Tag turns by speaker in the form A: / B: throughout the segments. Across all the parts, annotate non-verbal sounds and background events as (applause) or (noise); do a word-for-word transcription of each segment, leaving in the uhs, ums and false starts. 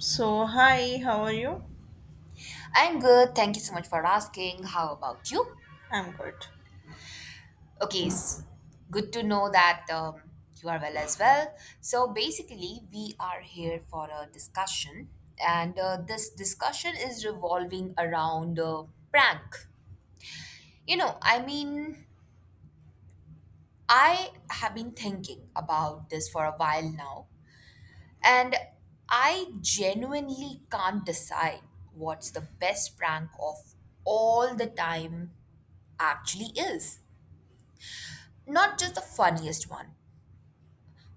A: So, hi, how are you?
B: I'm good. Thank you so much for asking. How about you?
A: I'm good.
B: Okay, it's good to know that um, you are well as well. So, basically, we are here for a discussion, and uh, this discussion is revolving around uh, prank. You know, I mean, I have been thinking about this for a while now, and I genuinely can't decide what's the best prank of all the time actually is. Not just the funniest one,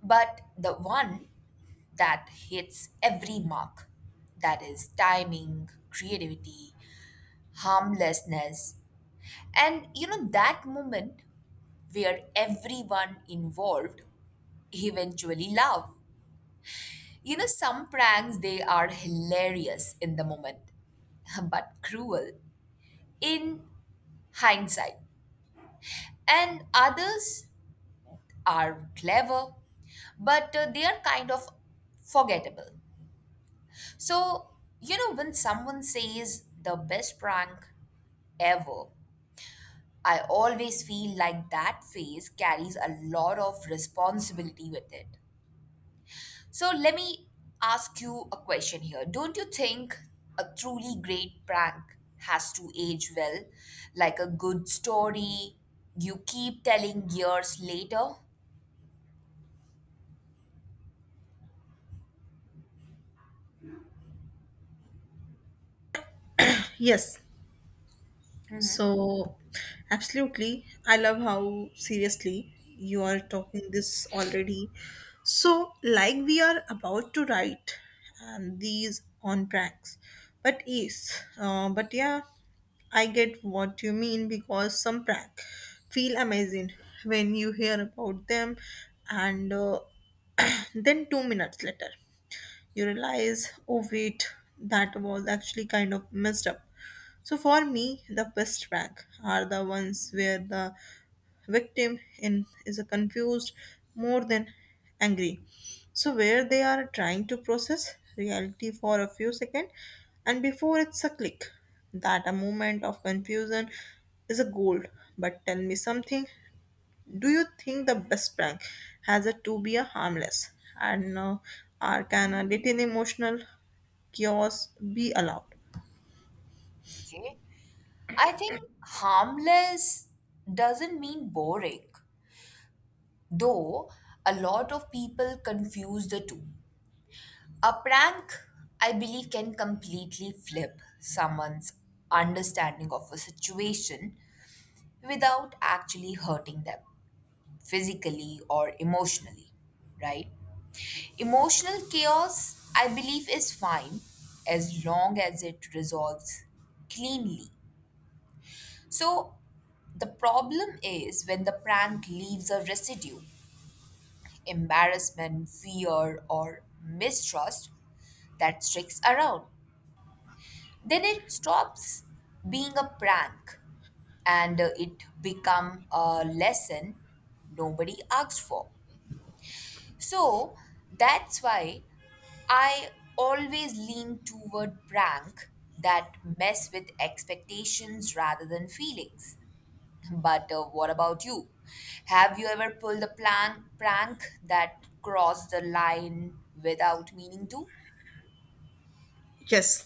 B: but the one that hits every mark. That is timing, creativity, harmlessness. And you know, that moment where everyone involved eventually laugh. You know, some pranks, they are hilarious in the moment (laughs) but cruel in hindsight. And others are clever, but uh, they are kind of forgettable. So, you know, when someone says the best prank ever, I always feel like that phrase carries a lot of responsibility with it. So, let me ask you a question here. Don't you think a truly great prank has to age well, like a good story you keep telling years later?
A: Yes. So, absolutely. I love how seriously you are talking this already. So, like we are about to write and these on pranks. But yes, uh, but yeah, I get what you mean because some prank feel amazing when you hear about them and uh, (clears throat) then two minutes later. You realize, oh wait, that was actually kind of messed up. So for me, the best prank are the ones where the victim in is a confused more than angry. So where they are trying to process reality for a few seconds and before it's a click that a moment of confusion is a gold. But tell me something, do you think the best prank has a to be a harmless and uh, or can a little emotional chaos be allowed?
B: Okay. I think harmless doesn't mean boring. Though a lot of people confuse the two. A prank, I believe, can completely flip someone's understanding of a situation without actually hurting them physically or emotionally, right? Emotional chaos, I believe, is fine as long as it resolves cleanly. So, the problem is when the prank leaves a residue embarrassment, fear, or mistrust that sticks around. Then it stops being a prank and uh, it become a lesson nobody asked for. So that's why I always lean toward prank that mess with expectations rather than feelings. But uh, what about you? Have you ever pulled a plan- prank that crossed the line without meaning to?
A: Yes.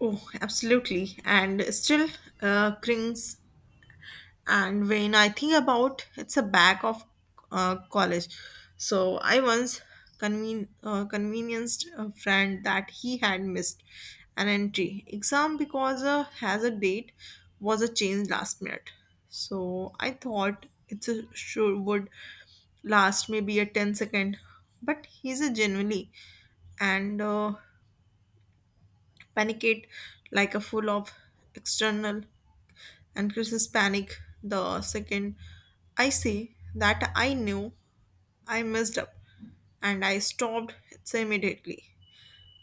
A: Oh, absolutely. And still uh, cringe. And when I think about it's a back of uh, college. So I once conven- uh, convenienced a friend that he had missed an entry exam because uh, has a date was a change last minute. So I thought it's a sure would last maybe a ten second, but he's a genuinely and uh, panicked like a full of external and Chris's panic the second I say that I knew I messed up and I stopped it immediately.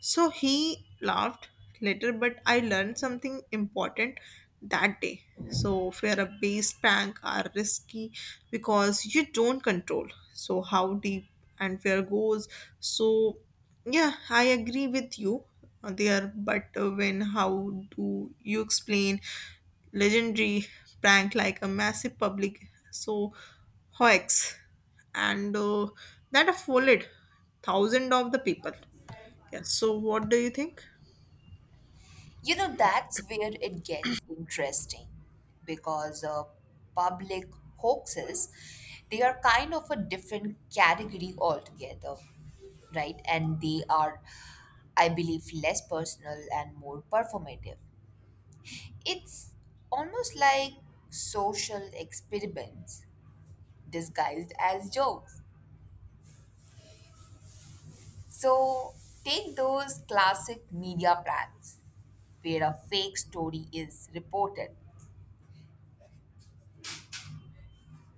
A: So he laughed later, but I learned something important that day. So fear based prank are risky because you don't control. So how deep and where goes. So yeah, I agree with you there, but when how do you explain legendary prank like a massive public so hoax and uh, that have followed thousand of the people. Yes. So, what do you think?
B: You know, that's where it gets interesting because uh, public hoaxes, they are kind of a different category altogether, right? And they are, I believe, less personal and more performative. It's almost like social experiments disguised as jokes. So take those classic media plans where a fake story is reported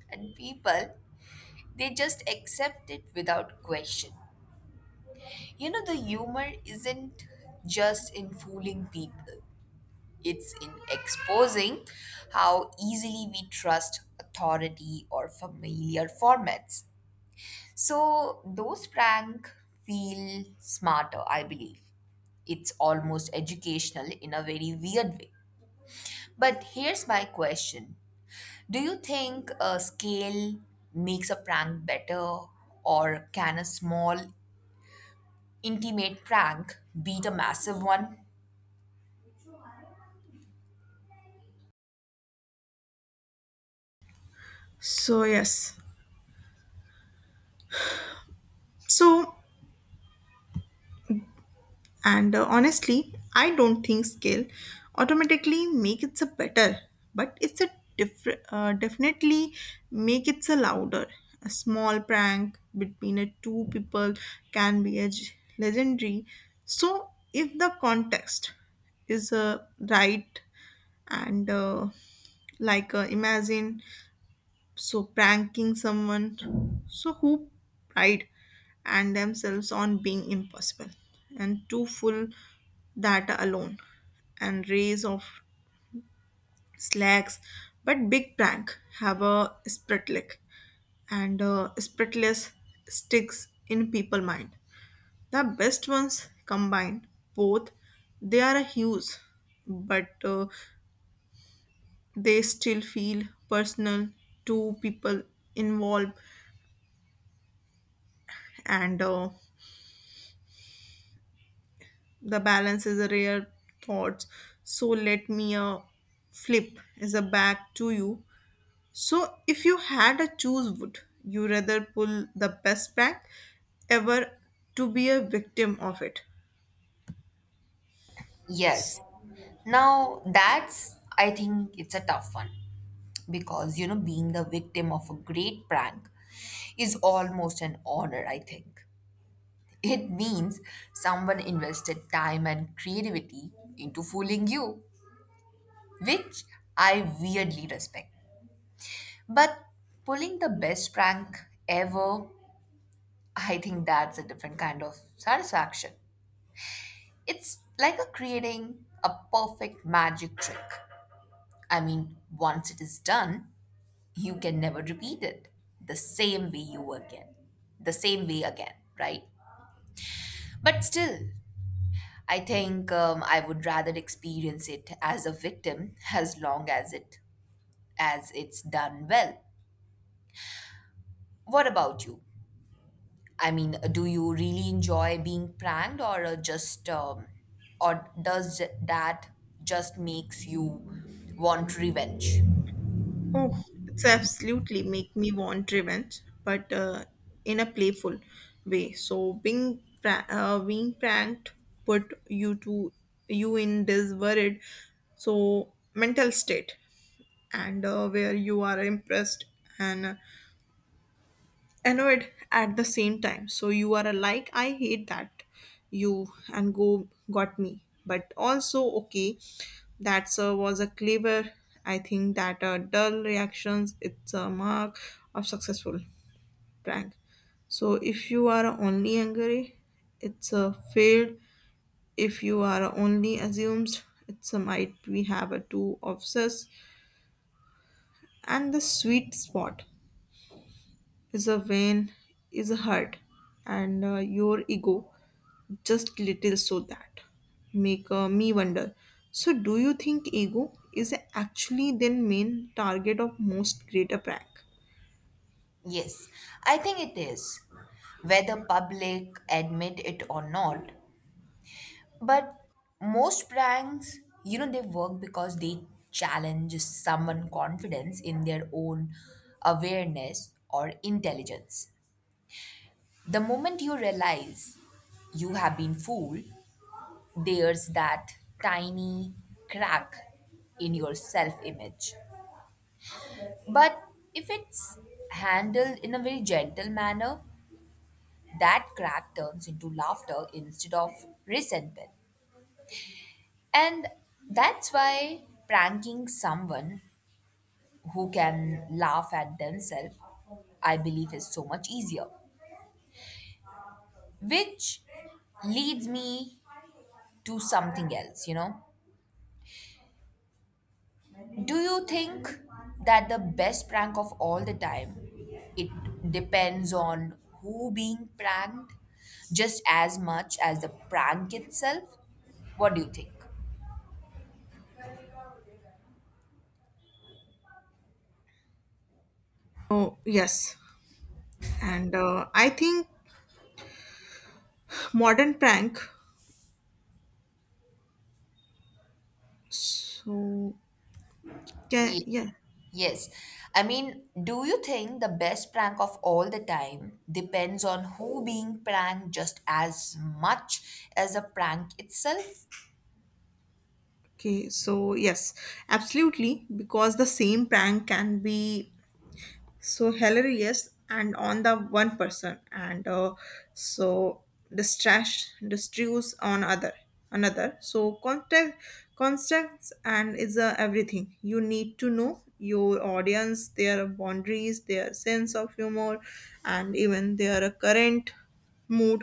B: and people they just accept it without question. You know the humor isn't just in fooling people. It's in exposing how easily we trust authority or familiar formats. So those prank feel smarter, I believe. It's almost educational in a very weird way. But here's my question. Do you think a scale makes a prank better, or can a small, intimate prank beat a massive one?
A: So, yes. So, and uh, honestly, I don't think scale automatically make it a better, but it's a different, uh, definitely make it a louder. A small prank between a two people can be a g- legendary. So, if the context is uh, right and uh, like uh, imagine so pranking someone so who pride and themselves on being impossible and too full data alone and rays of slacks, but big prank have a spritlick and uh, spritless sticks in people mind. The best ones combine both. They are huge, but uh, they still feel personal to people involved, and uh, the balance is a rare thought. So let me uh, flip is a back to you. So if you had a choose, would you rather pull the best back ever to be a victim of it?
B: Yes. Now, that's, I think it's a tough one because, you know, being the victim of a great prank is almost an honor, I think. It means someone invested time and creativity into fooling you, which I weirdly respect. But pulling the best prank ever, I think that's a different kind of satisfaction. It's like a creating a perfect magic trick. I mean, once it is done, you can never repeat it the same way you again, the same way again, right? But still, I think um, I would rather experience it as a victim as long as it as it's done well. What about you? I mean, do you really enjoy being pranked or uh, just um, or does that just makes you want revenge?
A: Oh, it's absolutely make me want revenge, but uh, in a playful way. So being pra- uh, being pranked put you to you in this worried so mental state and uh, where you are impressed and uh, annoyed at the same time. So you are like, I hate that you and go got me, but also okay, that uh, was a clever. I think that uh, dull reactions it's a mark of successful prank. So if you are only angry, it's a failed. If you are only assumed, it's a might we have a two obsessed, and the sweet spot is a vein, is a heart, and uh, your ego just little. So that make uh, me wonder, so do you think ego is actually then main target of most greater prank?
B: Yes, I think it is. Whether public admit it or not, but most pranks, you know, they work because they challenge someone' confidence in their own awareness or intelligence. The moment you realize you have been fooled, there's that tiny crack in your self image. But if it's handled in a very gentle manner, that crack turns into laughter instead of resentment. And that's why pranking someone who can laugh at themselves, I believe, is so much easier. Which leads me to something else, you know. Do you think that the best prank of all the time it depends on who being pranked just as much as the prank itself? What do you think?
A: Oh yes, and uh, I think modern prank, so yeah,
B: Ye-
A: yeah.
B: Yes. I mean, do you think the best prank of all the time depends on who being pranked just as much as the prank itself?
A: Okay, so yes, absolutely because the same prank can be so Hillary, yes, and on the one person, and uh, so distrash distruse on other another. So contact context and is uh, everything. You need to know your audience, their boundaries, their sense of humor, and even their current mood.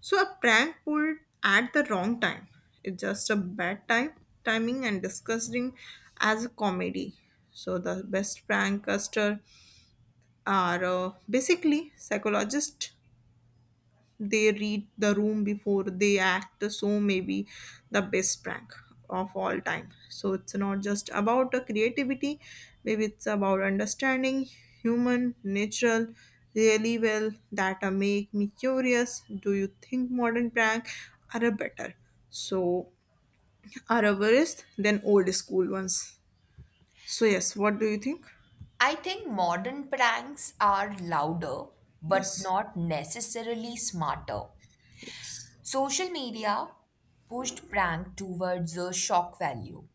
A: So a prank pulled at the wrong time. It's just a bad time timing and disgusting as a comedy. So the best prankster are uh, basically psychologists. They read the room before they act. So maybe the best prank of all time, so it's not just about uh, creativity. Maybe it's about understanding human natural really well. That uh, make me curious, do you think modern prank are uh, better, so are uh, worse than old school ones? So yes, what do you think?
B: I think modern pranks are louder but
A: Yes.
B: not necessarily smarter.
A: Yes.
B: Social media pushed prank towards a shock value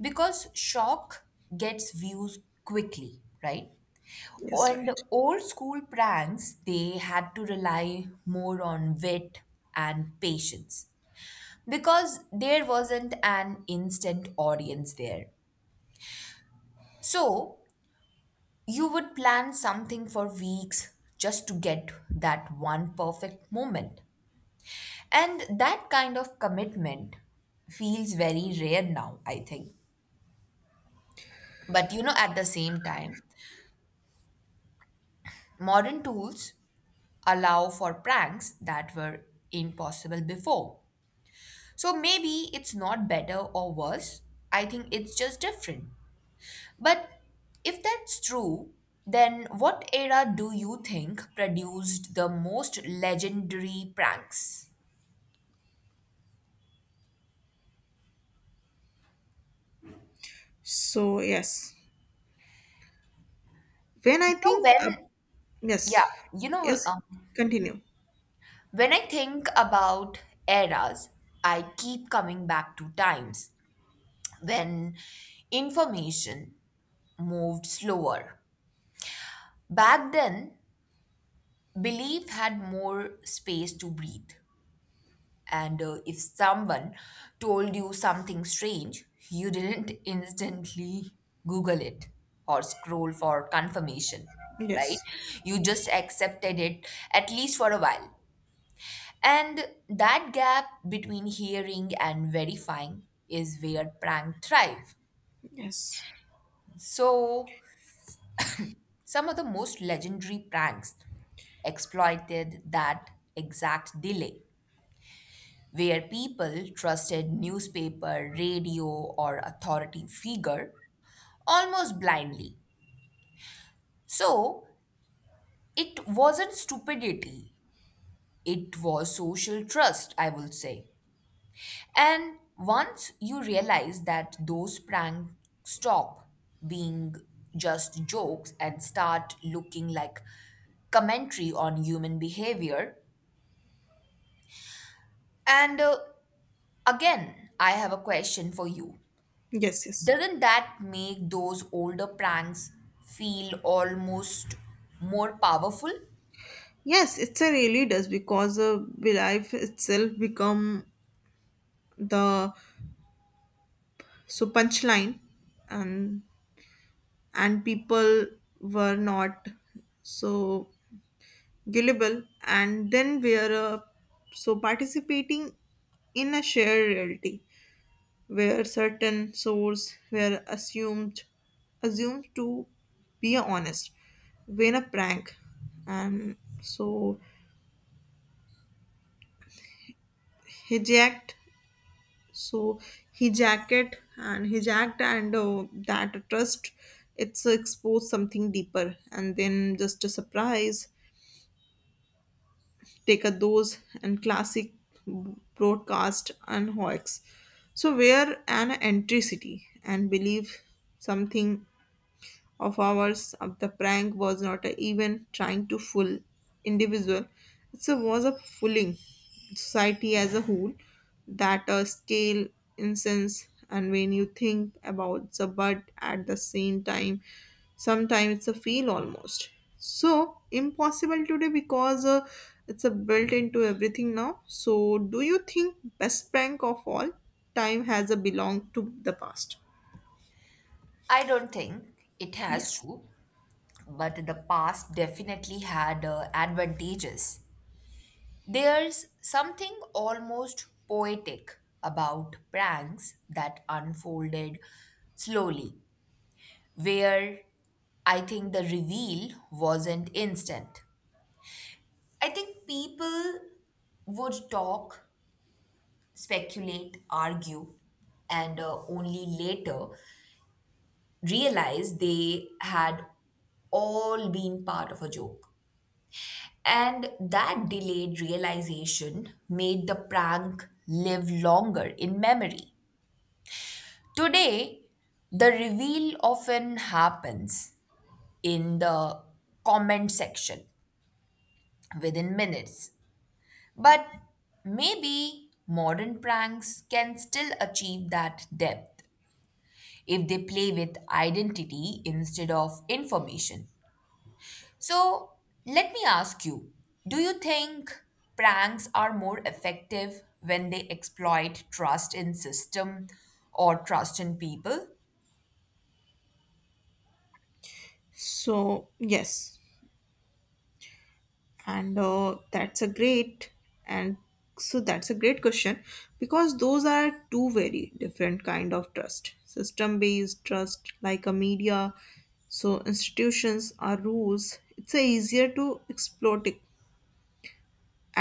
B: because shock gets views quickly, right?
A: Yes,
B: And
A: right.
B: old school pranks, they had to rely more on wit and patience because there wasn't an instant audience there. So you would plan something for weeks just to get that one perfect moment. And that kind of commitment feels very rare now, I think. But you know, at the same time, modern tools allow for pranks that were impossible before. So maybe it's not better or worse. I think it's just different. But if that's true, then what era do you think produced the most legendary pranks?
A: So yes. When
B: You
A: I
B: know,
A: think, uh,
B: when,
A: yes,
B: yeah, you know,
A: yes,
B: uh,
A: continue.
B: When I think about eras, I keep coming back to times when information moved slower. Back then, belief had more space to breathe. And uh, if someone told you something strange, you didn't (laughs) instantly Google it or scroll for confirmation, right?
A: Yes,
B: You just accepted it at least for a while. And that gap between hearing and verifying is where prank thrive.
A: yes,
B: So some of the most legendary pranks exploited that exact delay where people trusted newspaper, radio or authority figure almost blindly. So it wasn't stupidity, it was social trust, I will say. And once you realize that those pranks stop being just jokes and start looking like commentary on human behavior, and uh, again, I have a question for you.
A: yes, yes.
B: Doesn't that make those older pranks feel almost more powerful?
A: Yes, it's a really does because uh, the life itself become the so punchline, and and people were not so gullible, and then we are uh, so participating in a shared reality, where certain sources were assumed assumed to be honest. When a prank and so hijacked so hijacked it and hijacked and uh, that trust it's exposed something deeper and then just a surprise. Take a dose and classic broadcast and hoax, so where an entricity and believe something of hours of the prank was not a even trying to fool individual. It was a fooling society as a whole. That a scale incense, and when you think about the, but at the same time sometimes it's a feel almost so impossible today because uh, it's a built into everything now. So do you think best prank of all time has a belong to the past?
B: I don't think it has
A: Yes.
B: to, but the past definitely had uh, advantages. There's something almost poetic about pranks that unfolded slowly, where I think the reveal wasn't instant. I think people would talk, speculate, argue, and uh, only later realize they had all been part of a joke. And that delayed realization made the prank live longer in memory. Today, the reveal often happens in the comment section within minutes. But maybe modern pranks can still achieve that depth if they play with identity instead of information. So let me ask you, do you think pranks are more effective when they exploit trust in system or trust in people?
A: So yes, and uh, that's a great and so that's a great question because those are two very different kind of trust. System based trust like a media, so institutions are rules, it's a easier to exploit it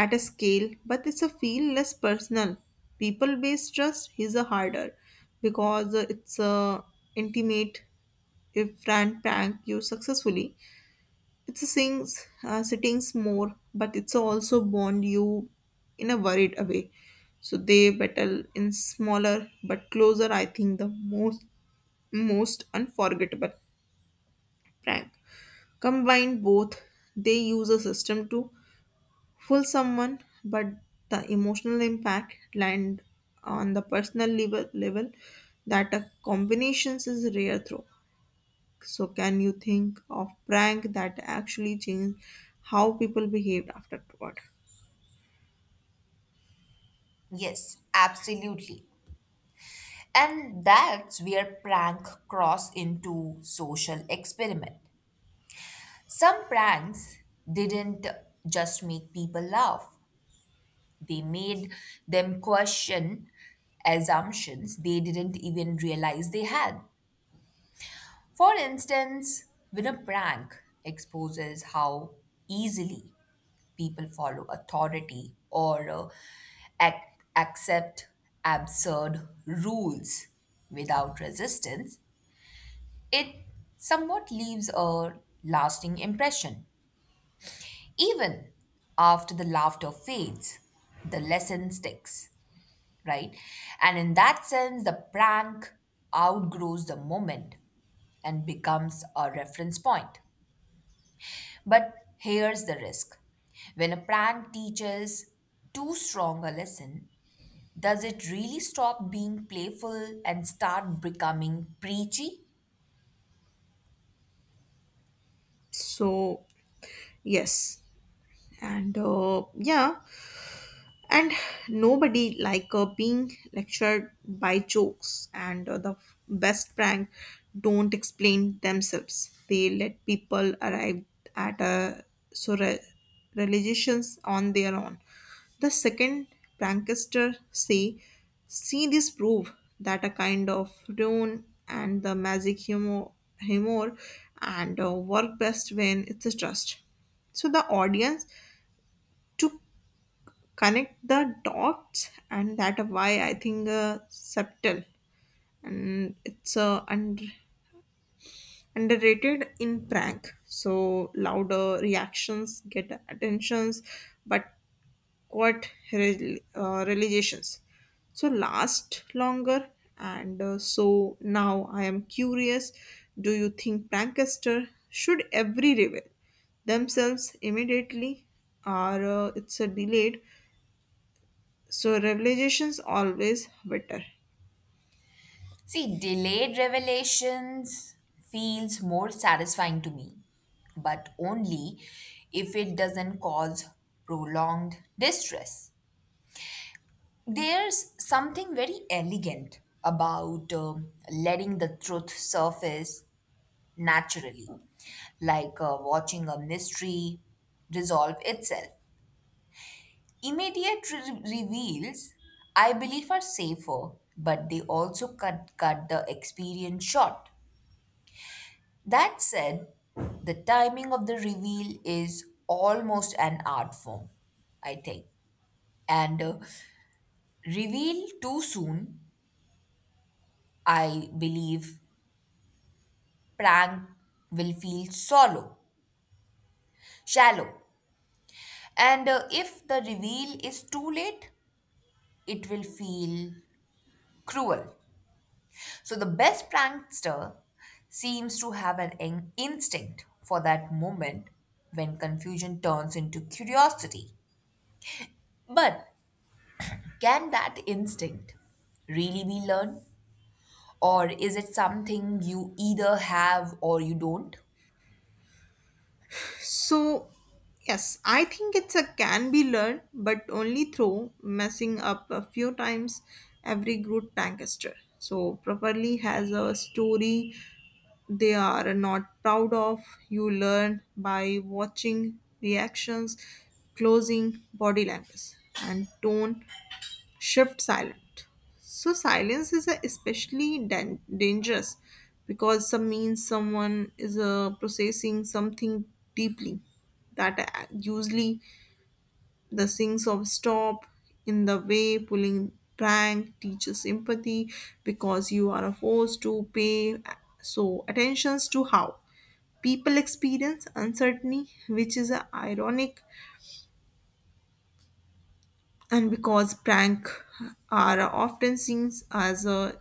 A: at a scale, but it's a feel less personal. People based trust is a harder because uh, it's a intimate. If brand prank you successfully, it's a sings, uh, sittings more, but it's also bond you in a worried way. So they battle in smaller but closer. I think the most most unforgettable prank combine both. They use a system to fool someone, but the emotional impact land on the personal level level. That a combinations is rare through. So, can you think of prank that actually changed how people behaved afterward?
B: Yes, absolutely. And that's where prank cross into social experiment. Some pranks didn't just make people laugh. They made them question assumptions they didn't even realize they had. For instance, when a prank exposes how easily people follow authority or uh, ac- accept absurd rules without resistance, it somewhat leaves a lasting impression. Even after the laughter fades, the lesson sticks, right? And in that sense, the prank outgrows the moment and becomes a reference point. But here's the risk. When a prank teaches too strong a lesson, does it really stop being playful and start becoming preachy?
A: So, yes, and uh, yeah, and nobody like uh, being lectured by jokes and uh, the best prank don't explain themselves. They let people arrive at a so re- realizations on their own. The second prankster say, see this proof, that a kind of tone and the magic humor humor and uh, work best when it's a trust, so the audience took connect the dots. And that why I think uh, subtle and it's uh, under, underrated in prank. So louder reactions get attentions, but what re- uh, realizations so last longer, and uh, so now I am curious, do you think prankster should every reveal themselves immediately or uh, it's a delayed. So revelations always better.
B: See, delayed revelations feels more satisfying to me, but only if it doesn't cause prolonged distress. There's something very elegant about um, letting the truth surface naturally, like uh, watching a mystery resolve itself. Immediate re- reveals, I believe, are safer, but they also cut, cut the experience short. That said, the timing of the reveal is almost an art form, I think. And uh, reveal too soon, I believe, prank will feel solo, shallow. And uh, if the reveal is too late, it will feel cruel. So the best prankster seems to have an in- instinct for that moment when confusion turns into curiosity. But can that instinct really be learned? Or is it something you either have or you don't?
A: So yes, I think it's a can be learned, but only through messing up a few times. Every good prankster so properly has a story they are not proud of. You learn by watching reactions, closing body language and tone shift silent. So silence is a especially dan- dangerous because some means someone is uh, processing something deeply. That uh, usually the things of stop in the way pulling prank teaches empathy because you are forced to pay uh, so attentions to how people experience uncertainty, which is a ironic and because prank are often seen as uh,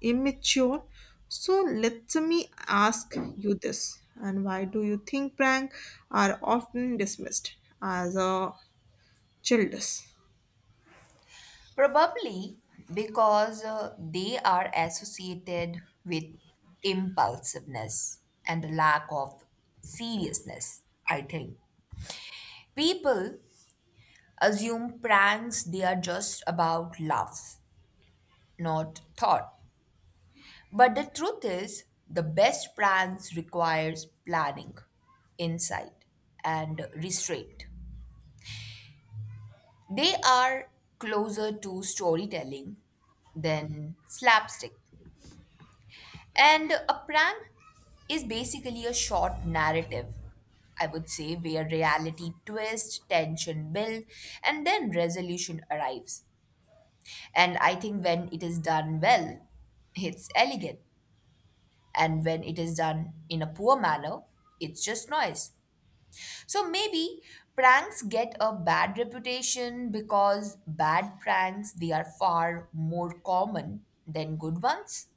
A: immature. So let me ask you this, and why do you think prank are often dismissed as uh, childish?
B: Probably because uh, they are associated with impulsiveness and a lack of seriousness, I think. People assume pranks they are just about laughs, not thought. But the truth is, the best pranks requires planning, insight, and restraint. They are closer to storytelling than slapstick. And a prank is basically a short narrative, I would say, where reality twists, tension builds, and then resolution arrives. And I think when it is done well, it's elegant. And when it is done in a poor manner, it's just noise. So maybe pranks get a bad reputation because bad pranks they are far more common than good ones.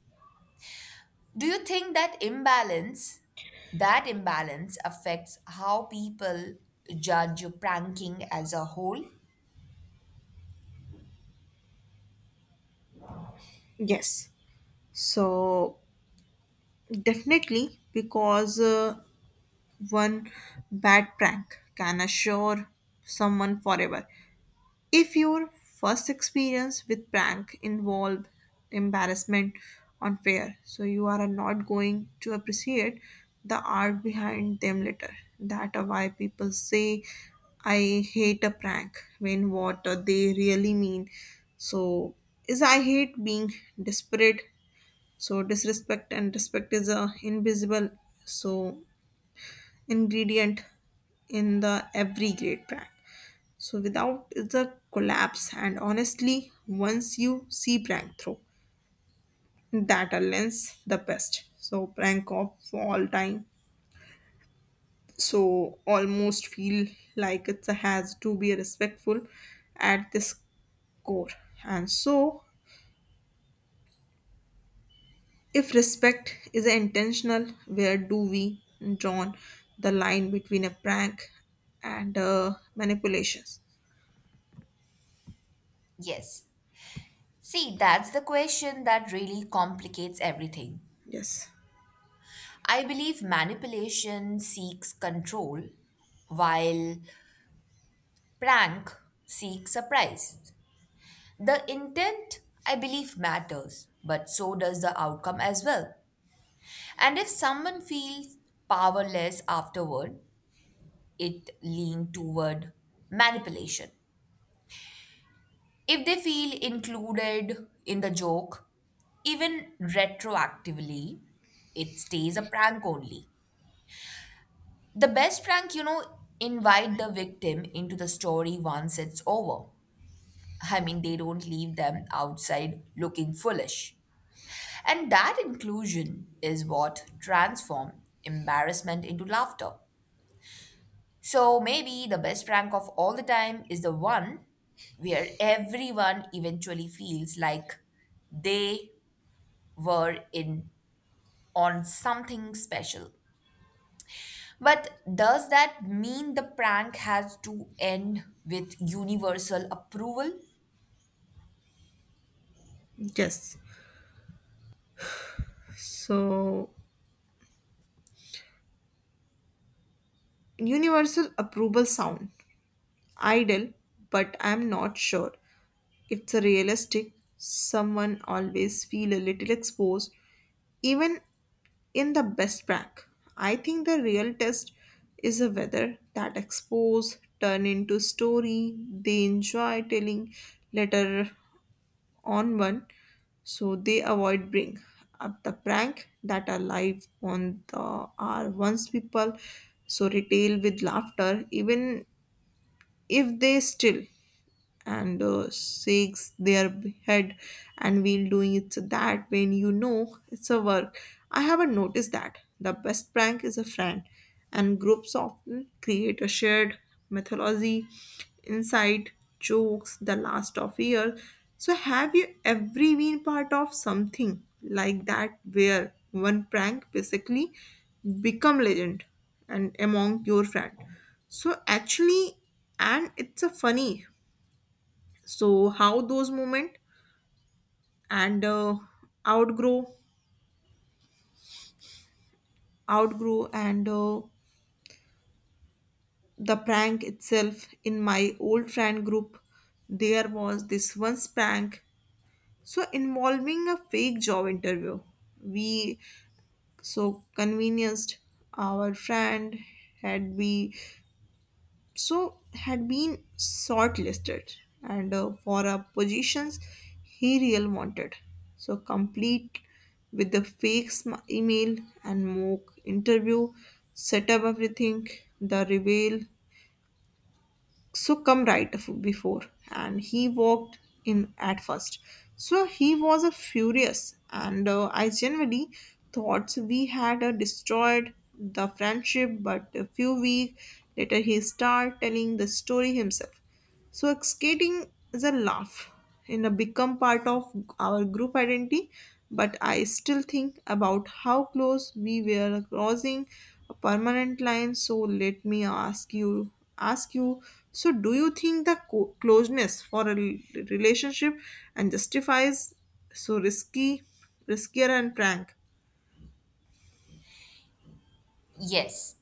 B: Do you think that imbalance that imbalance affects how people judge pranking as a whole?
A: Yes, so definitely because uh, one bad prank can assure someone forever. If your first experience with prank involve embarrassment, unfair, so you are not going to appreciate the art behind them later. That are why people say I hate a prank when what they really mean. So is I hate being desperate. So disrespect and respect is a invisible so ingredient in the every great prank. So without the collapse, and honestly, once you see prank through, that alliance the best. So prank of all time. So almost feel like it has to be respectful at this core. And so if respect is intentional, where do we draw the line between a prank and uh, manipulations?
B: Yes. See, that's the question that really complicates everything.
A: Yes.
B: I believe manipulation seeks control while prank seeks surprise. The intent, I believe, matters, but so does the outcome as well. And if someone feels powerless afterward, it leans toward manipulation. If they feel included in the joke, even retroactively, it stays a prank only. The best prank, you know, invite the victim into the story once it's over. I mean, they don't leave them outside looking foolish. And that inclusion is what transforms embarrassment into laughter. So maybe the best prank of all the time is the one where everyone eventually feels like they were in on something special. But does that mean the prank has to end with universal approval?
A: Yes. So universal approval sound ideal, but I'm not sure it's a realistic. Someone always feel a little exposed, even in the best prank. I think the real test is a whether that expose turn into story they enjoy telling later on one, so they avoid bring up the prank that are live on the are once people so retail with laughter even if they still and uh, shakes their head and we'll doing it. So that when you know it's a work, I haven't noticed that the best prank is a friend and groups often create a shared mythology inside jokes the last of year. So have you ever been part of something like that where one prank basically become legend and among your friend? So actually, and it's a funny, so how those movement and uh, outgrow outgrew and uh, the prank itself. In my old friend group, there was this once prank so involving a fake job interview. We so convenienced our friend had we so had been shortlisted and uh, for uh, positions he real wanted, so complete with the fake sm- email and mock interview, set up everything. The reveal so come right af- before, and he walked in. At first, so he was a furious, and uh, I genuinely thought we had uh, destroyed the friendship, but a few weeks later he started telling the story himself. So skating is a laugh in a become part of our group identity, but I still think about how close we were crossing a permanent line. So let me ask you, ask you. So do you think the co- closeness for a rel- relationship and justifies so risky, riskier and prank?
B: Yes.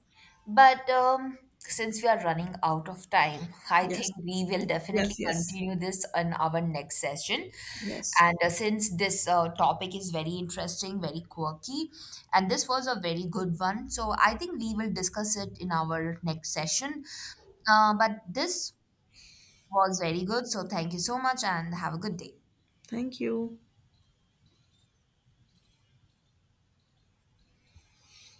B: But um, since we are running out of time, (laughs) I
A: Yes,
B: think we will definitely
A: yes, yes,
B: continue this in our next session.
A: yes.
B: And uh, since this uh, topic is very interesting, very quirky, and this was a very good one, so I think we will discuss it in our next session. Uh, but this was very good, so thank you so much and have a good day.
A: Thank you.